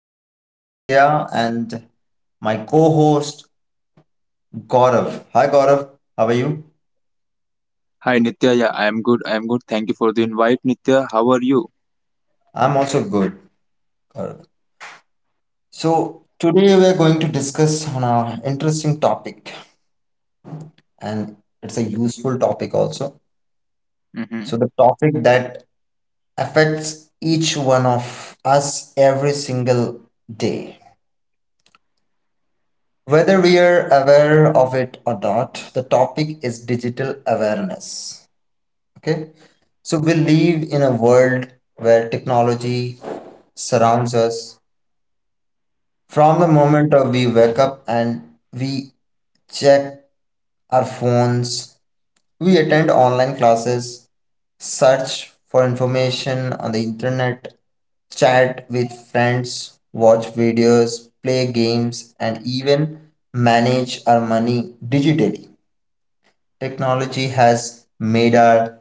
your host Nitya and my co-host Gaurav. Hi Gaurav, how are you? Hi Nitya, yeah, I am good. I am good. Thank you for the invite, Nitya. How are you? I'm also good, Gaurav. So today we are going to discuss on our interesting topic and it's a useful topic also. So Hmm. the topic that affects each one of us every single day. Whether we are aware of it or not, the topic is digital awareness. Okay. So we live in a world where technology surrounds us from the moment of we wake up and we check our phones, we attend online classes, search for information on the internet, chat with friends, watch videos, play games, and even manage our money digitally. Technology has made our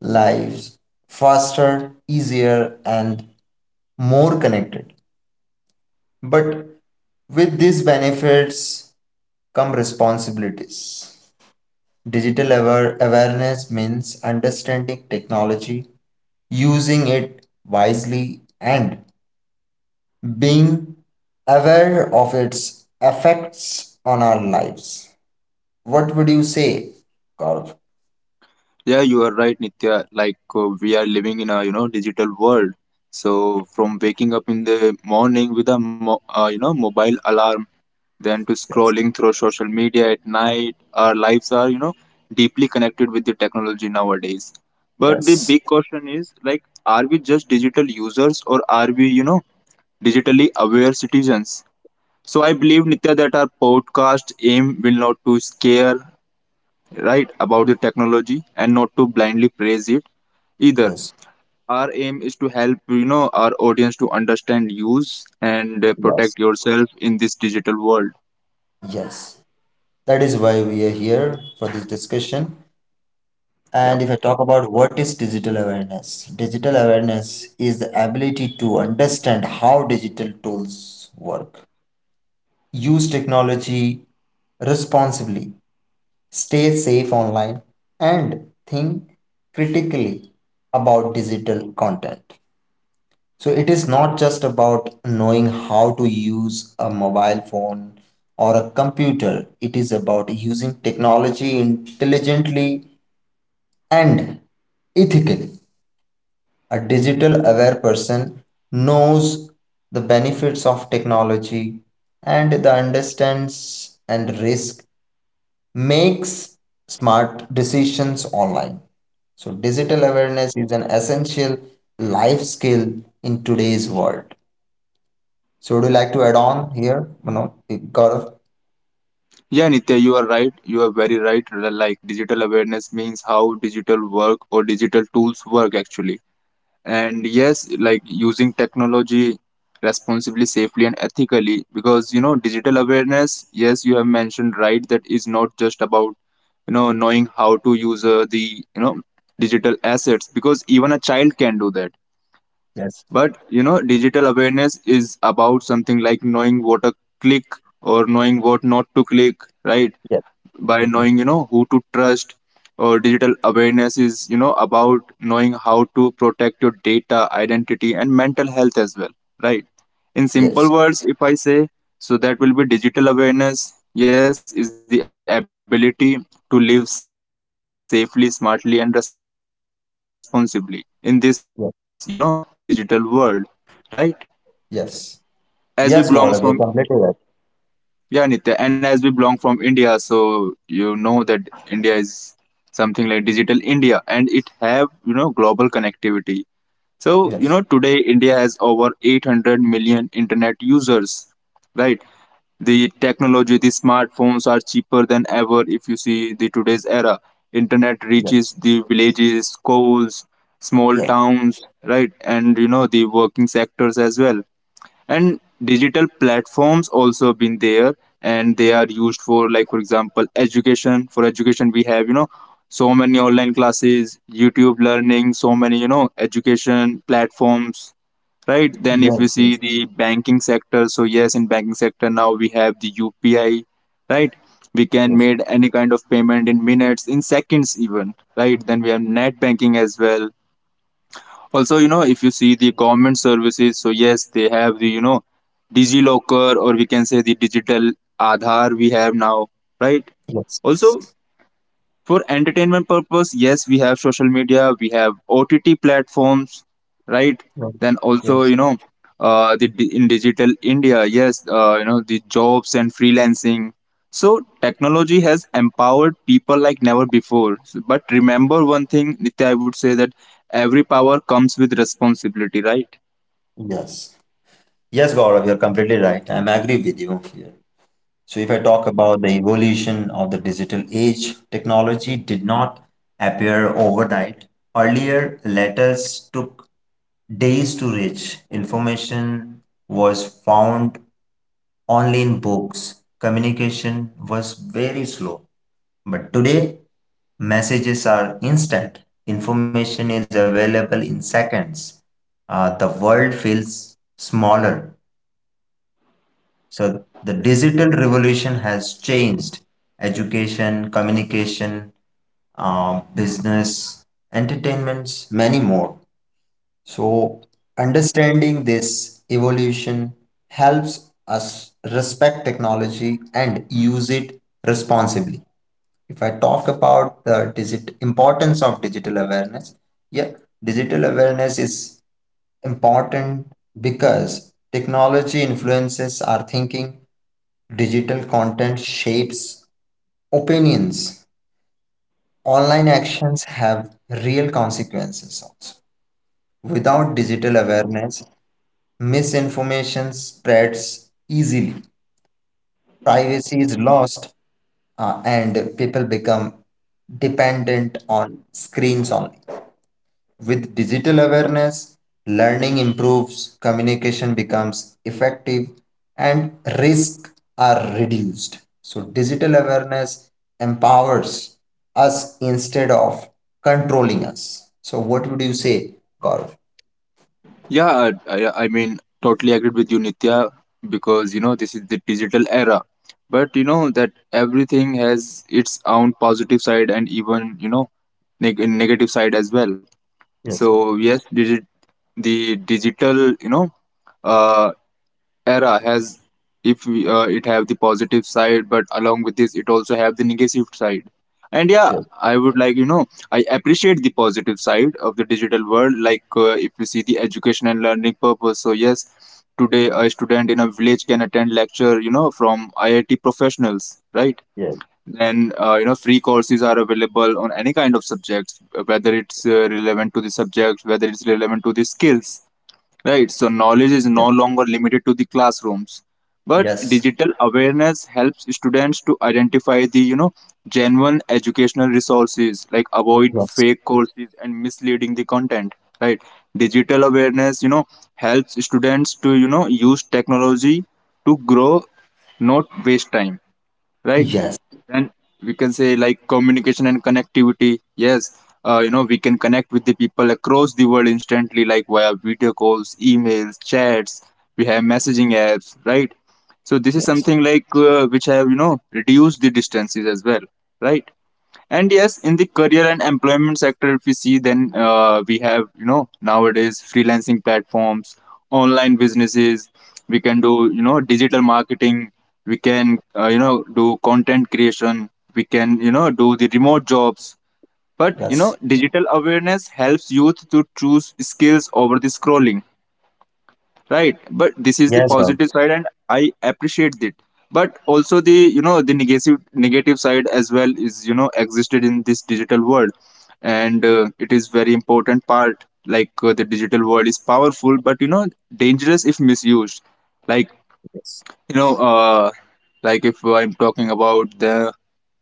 lives faster, easier, and more connected. But with these benefits come responsibilities. Digital awareness means understanding technology, using it wisely, and being aware of its effects on our lives. What would you say, Gaurav? Yeah, you are right, Nitya. Like we are living in a digital world. So from waking up in the morning with a mobile alarm, then to Yes. scrolling through social media at night, our lives are deeply connected with the technology nowadays. But the Yes. big question is like, are we just digital users, or are we digitally aware citizens? So I believe, Nitya, that our podcast aim will not to scare, right, about the technology and not to blindly praise it either. Yes. Our aim is to help our audience to understand, use, and Yes. protect yourself in this digital world. Yes. That is why we are here for this discussion. Yeah, And if I talk about what is digital awareness is the ability to understand how digital tools work, use technology responsibly, stay safe online, and think critically about digital content. So it is not just about knowing how to use a mobile phone or a computer, it is about using technology intelligently and ethically. A digital aware person knows the benefits of technology and the understands and risk makes smart decisions online. So digital awareness is an essential life skill in today's world. So would you like to add on here, Mano, Gaurav? yeah, Nitya, you are right. You are very right. Like, digital awareness means how digital work or digital tools work actually, and yes, like using technology responsibly, safely, and ethically, because digital awareness, yes, you have mentioned right, that is not just about knowing how to use the digital assets, because even a child can do that. Yes. But digital awareness is about something like knowing what to click or knowing what not to click, right? Yes. By Mhm. knowing who to trust, or digital awareness is about knowing how to protect your data, identity, and mental health as well, right? In Yes. simple words, if I say, so that will be digital awareness. Yes, is the ability to live safely, smartly, and responsibly in this digital world, right? Yes. Yes. And as Yes, we Gaurav, belongs you're from completely right. Yeah, Nitya. And as we belong from India, so you know that India is something like digital India, and it have, you know, global connectivity. So, you Yes. know, today India has over 800 million internet users, right? The technology, the smartphones are cheaper than ever if you see the today's era. Internet reaches Yes. the villages, schools, small Yes. towns, right? And, you know, the working sectors as well, and digital platforms also been there, and they are used for, like, for example, education. For education we have, you know, so many online classes, YouTube learning, so many, you know, education platforms, right? Then if we Yes. see Yes. the banking sector, so yes, in banking sector now we have the UPI, right? We can Yes. made any kind of payment in minutes, in seconds even, right? Then we have net banking as well. Also, you know, if you see the government services, so yes, they have the, you know, DigiLocker, or we can say the digital Aadhaar we have now, right? Yes. Also for entertainment purpose, yes, we have social media, we have OTT platforms, right? Yes. Then also, you Yes. know, in digital India, yes, you know, the jobs and freelancing. So technology has empowered people like never before. But remember one thing, Nitya, I would say that every power comes with responsibility, right? Yes. Yes, Gaurav, you're completely right. I'm agree with you here. So if I talk about the evolution of the digital age, technology did not appear overnight. Earlier, letters took days to reach. Information was found only in books. Communication was very slow. But today, messages are instant, information is available in seconds. The world feels smaller. So, the digital revolution has changed education, communication, business, entertainments, many more. So, understanding this evolution helps us respect technology and use it responsibly. If I talk about the digit importance of digital awareness, yeah, digital awareness is important because technology influences our thinking, digital content shapes opinions, online actions have real consequences also. Without digital awareness, misinformation spreads easily, privacy is lost, and people become dependent on screens only. With digital awareness, learning improves, communication becomes effective, and risks are reduced. So, digital awareness empowers us instead of controlling us. So, what would you say, Gaurav? Yeah, I mean, totally agreed with you, Nitya, because you know this is the digital era. But you know that everything has its own positive side and even, you know, negative side as well. Yes, So yes, the digital, you know, uh, era has. If we, it have the positive side, but along with this it also have the negative side. And yeah, yes, I would like, you know, I appreciate the positive side of the digital world. Like if you see the education and learning purpose, so yes, today a student in a village can attend lecture, you know, from IIT professionals, right? yes, Then you know, free courses are available on any kind of subjects, whether it's relevant to the subject, whether it's relevant to the skills. Right, so knowledge is yes, no longer limited to the classrooms, but yes, yes, digital awareness helps students to identify the, you know, genuine educational resources, like avoid fake courses and misleading the content. Right, digital awareness, you know, helps students to, you know, use technology to grow, not waste time. Right, yes, yes, then we can say like communication and connectivity. Yes, you know, we can connect with the people across the world instantly, like via video calls, emails, chats. We have messaging apps, right? So this is something like, which have, you know, reduced the distances as well, right? And yes, in the career and employment sector, if we see, then we have, you know, nowadays freelancing platforms, online businesses. We can do, you know, digital marketing. We can, you know, do content creation. We can, you know, do the remote jobs. But, you know, digital awareness helps youth to choose skills over the scrolling, right? But this is the positive side and I appreciate it. But also the, you know, the negative side as well is, you know, existed in this digital world. And it is very important part. Like the digital world is powerful but, you know, dangerous if misused. Like, you know, if I'm talking about the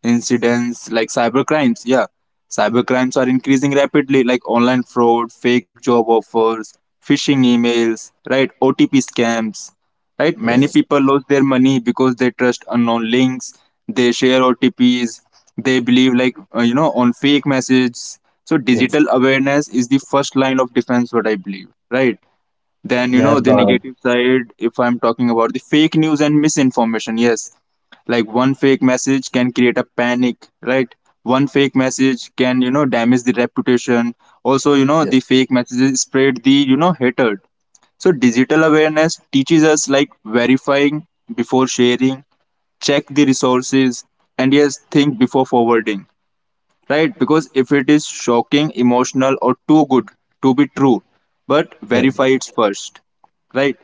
incidents like cyber crimes. Yeah, cyber crimes are increasing rapidly, like online fraud, fake job offers, phishing emails, right, OTP scams, right? Many people lose their money because they trust unknown links, they share OTPs, they believe, like, you know, on fake messages. So Yes. digital awareness is the first line of defense, what I believe, right? Then, you know, yes, the God. negative side, if I'm talking about the fake news and misinformation, yes, like one fake message can create a panic, right? One fake message can, you know, damage the reputation. Also, you know, Yes, the fake messages spread the, you know, hatred. So, digital awareness teaches us like verifying before sharing, check the resources, and yes, think before forwarding, right? Because if it is shocking, emotional, or too good to be true, but Yes, yes, verify it first, right?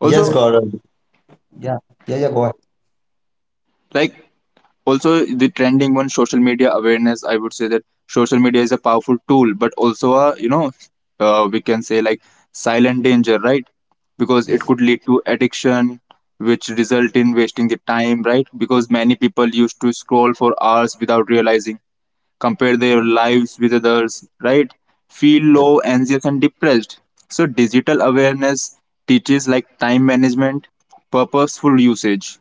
yes, Also, God. Yes. Yes. Yes, Gaurav. Yeah. Yeah. Yeah. Go ahead. like, also the trending one, social media awareness, I would say that social media is a powerful tool but also a, you know, we can say like silent danger, right? Because it Yes. could lead to addiction, which result in wasting the time, right? Because many people used to scroll for hours without realizing, compare their lives with others, right? Feel Yes. low, anxious, and depressed. So, digital awareness teaches like time management, purposeful usage,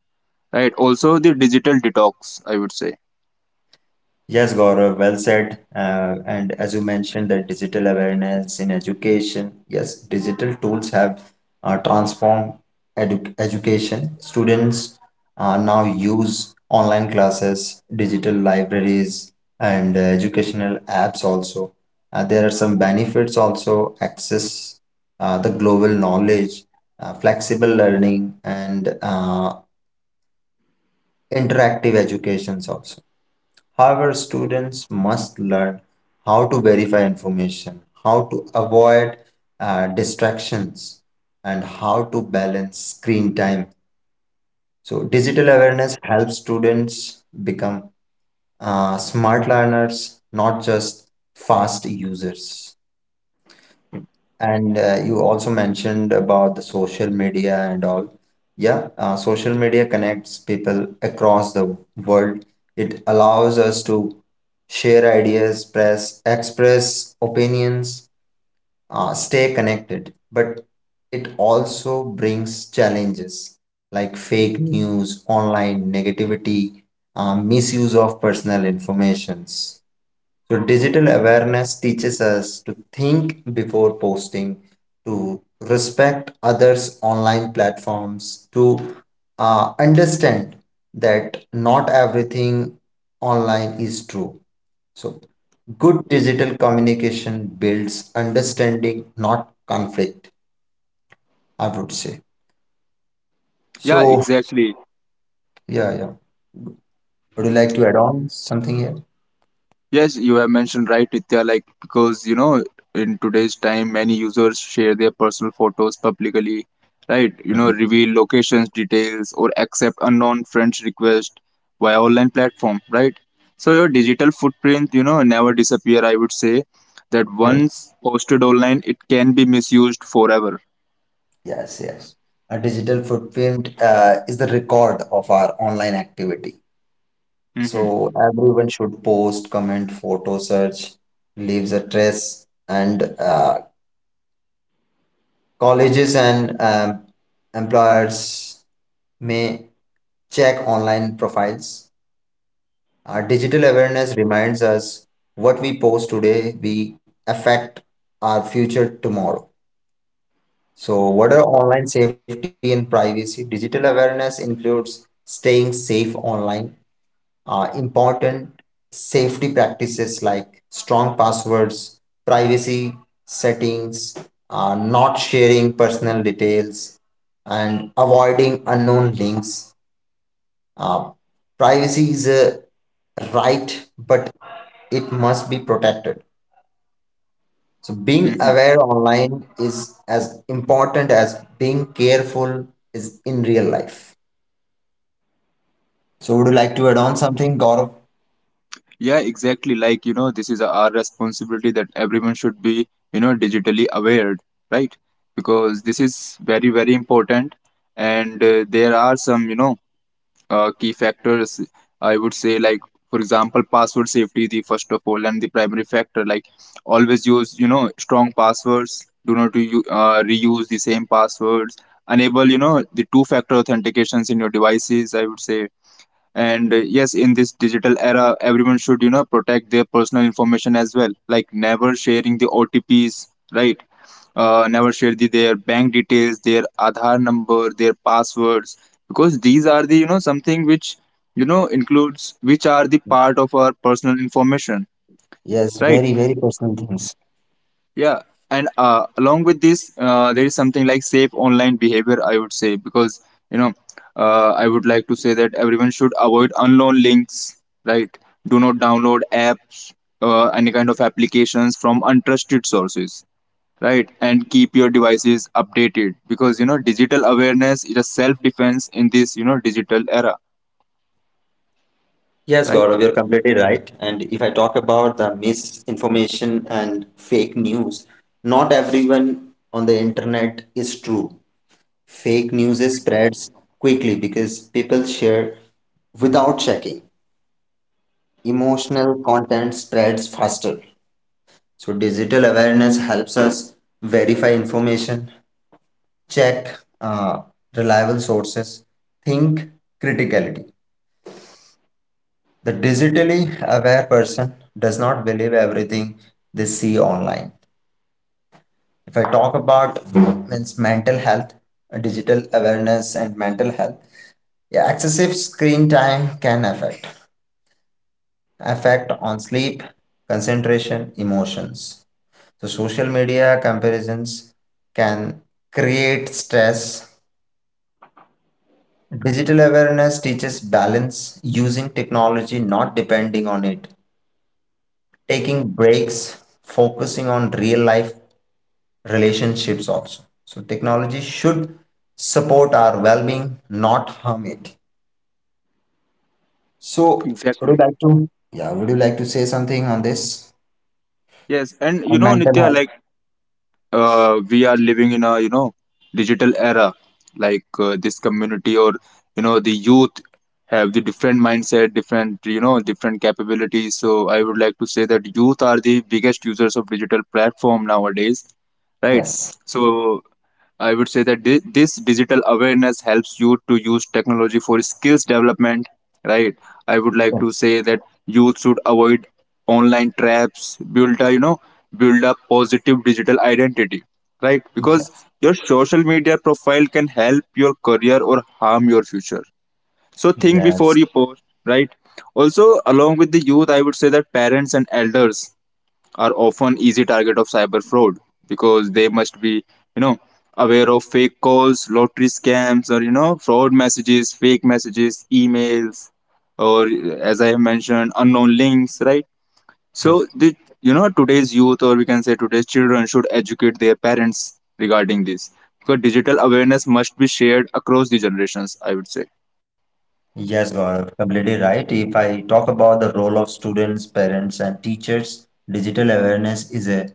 right? Also, the digital detox, I would say. Yes, Gaurav, well said. And as you mentioned, that digital awareness in education, yes, digital tools have transformed education. Students now use online classes, digital libraries, and educational apps also. There are some benefits also, access the global knowledge, flexible learning, and interactive educations also. However, students must learn how to verify information, how to avoid distractions, and how to balance screen time. So, digital awareness helps students become smart learners, not just fast users. And you also mentioned about the social media and all. Yeah, social media connects people across the world. It allows us to share ideas, press, express opinions, stay connected. But it also brings challenges like fake news, online negativity, misuse of personal informations. So, digital awareness teaches us to think before posting, to respect others' online platforms, to understand that not everything online is true. So, good digital communication builds understanding, not conflict, I would say. Yeah, So, exactly. yeah, yeah. Would you like to add on something here? Yes, you have mentioned right, Nitya, like because you know, in today's time, many users share their personal photos publicly, right? You know, Mhm. reveal locations, details, or accept unknown friends' request via online platform, right? So your digital footprint, you know, never disappear. I would say that once posted online, it can be misused forever. Yes, yes. A digital footprint is the record of our online activity. Mm-hmm. So everyone should post, comment, photo search, leaves a trace, and colleges and employers may check online profiles. Our digital awareness reminds us what we post today, we affect our future tomorrow. So, what are online safety and privacy? Digital awareness includes staying safe online, important safety practices like strong passwords, privacy settings, not sharing personal details, and avoiding unknown links. Uh, privacy is a right, but it must be protected. So being Mm-hmm. aware online is as important as being careful is in real life. So would you like to add on something, Gaurav? Yeah, exactly. Like, you know, this is our responsibility that everyone should be, you know, digitally aware, right? Because this is very, very important. And there are some, you know, key factors, I would say, like, for example, password safety, the first of all, and the primary factor. Like, always use, you know, strong passwords. Do not reuse the same passwords. Enable, you know, the two factor authentications in your devices, I would say. And yes, in this digital era everyone should, you know, protect their personal information as well, like never sharing the OTPs, right? Never share the, their bank details, their Aadhaar number, their passwords, because these are the, you know, something which, you know, includes, which are the part of our personal information, Yes, right? very, very personal things. Yeah, and along with this, there is something like safe online behavior, I would say, because you know, I would like to say that everyone should avoid unknown links, right? Do not download apps, any kind of applications from untrusted sources, right? And keep your devices updated, because you know, digital awareness is a self defense in this, you know, digital era, Yes, right? Gaurav, you're completely right. And if I talk about the misinformation and fake news, not everyone on the internet is true. Fake news is spreads quickly because people share without checking. Emotional content spreads faster. So digital awareness helps us verify information, check reliable sources, think criticality. The digitally aware person does not believe everything they see online. If I talk about means mental health, digital awareness and mental health, yeah, excessive screen time can affect on sleep, concentration, emotions. So social media comparisons can create stress. Digital awareness teaches balance, using technology, not depending on it, taking breaks, focusing on real life relationships also. So technology should support our well-being, not harm it. So would you Exactly. like to? Yeah, would you like to say something on this? Yes, and you On know, mental Nitya, health? like we are living in a, you know, digital era, like this community or, you know, the youth have the different mindset, different, you know, different capabilities. So I would like to say that youth are the biggest users of digital platform nowadays, right? Yes. So I would say that di- this digital awareness helps you to use technology for skills development, right? I would like to Yes. say that youth should avoid online traps, build a positive digital identity, right? Because Yes. your social media profile can help your career or harm your future. So think Yes. before you post, right? Also, along with the youth, I would say that parents and elders are often easy target of cyber fraud, because they must be, you know, aware of fake calls, lottery scams, or, you know, fraud messages, fake messages, emails, or, as I have mentioned, unknown links, right? So Yes. the, you know, today's youth, or we can say today's children, should educate their parents regarding this, because digital awareness must be shared across the generations, I would say. Yes, Gaurav, completely right. If I talk about the role of students, parents, and teachers, digital awareness is a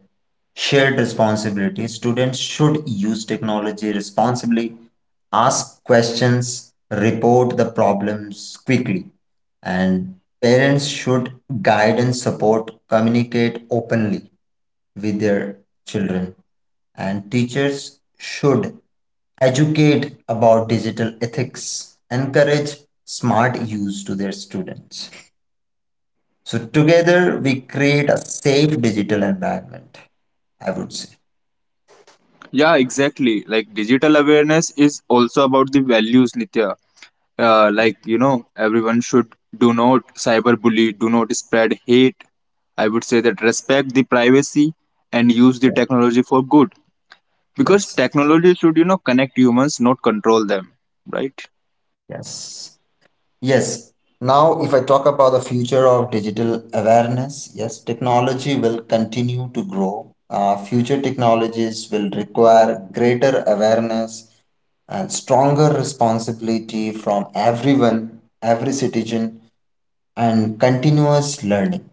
shared responsibility. Students should use technology responsibly, ask questions, report the problems quickly, and parents should guide and support, communicate openly with their children. And teachers should educate about digital ethics, encourage smart use to their students. So together we create a safe digital environment, I would say. Yeah, exactly, like digital awareness is also about the values, Nitya. Like, you know, everyone should do not cyberbully, do not spread hate. I would say that respect the privacy and use the Yeah. technology for good, because Yes. technology should, you know, connect humans, not control them, right? Yes. Yes. Now, if I talk about the future of digital awareness, yes, technology will continue to grow. Future technologies will require greater awareness and stronger responsibility from everyone, every citizen, and continuous learning.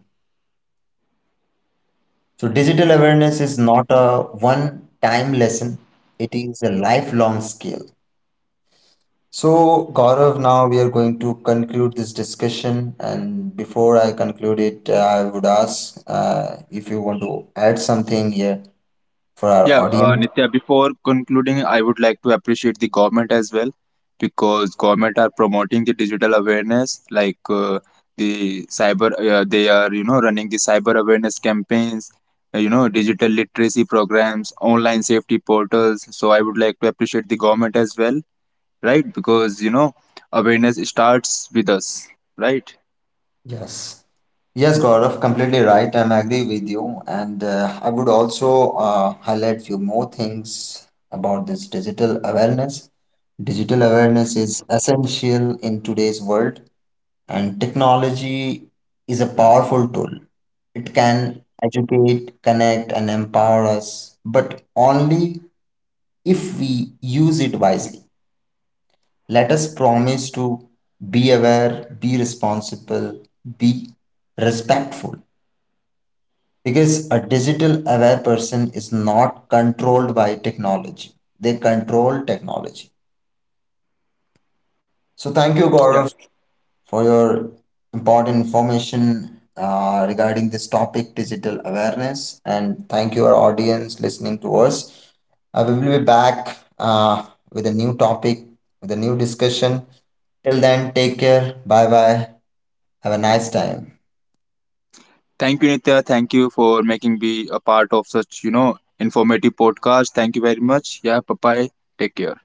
So, digital awareness is not a one time lesson, it is a lifelong skill. So, Gaurav, now we are going to conclude this discussion. And before I conclude it, I would ask if you want to add something here for our Yeah, audience. Nitya, before concluding, I would like to appreciate the government as well, because government are promoting the digital awareness, like they are, you know, running the cyber awareness campaigns, you know, digital literacy programs, online safety portals. So I would like to appreciate the government as well, right? Because you know, awareness starts with us, right? Yes. Yes, Gaurav, completely right. I'm agree with you. And I would also highlight few more things about this digital awareness. Digital awareness is essential in today's world. And technology is a powerful tool. It can educate, connect, and empower us, but only if we use it wisely. Let us promise to be aware, be responsible, be respectful. Because a digital aware person is not controlled by technology, they control technology. So, thank you, Yeah. Gaurav, for your important information regarding this topic, digital awareness. And thank you, our audience, listening to us. We will be back with a new topic, with a new discussion. Till then, take care. Bye bye. Have a nice time. Thank you, Nitya. Thank you for making me a part of such, you know, informative podcast. Thank you very much. Yeah, bye bye. Take care.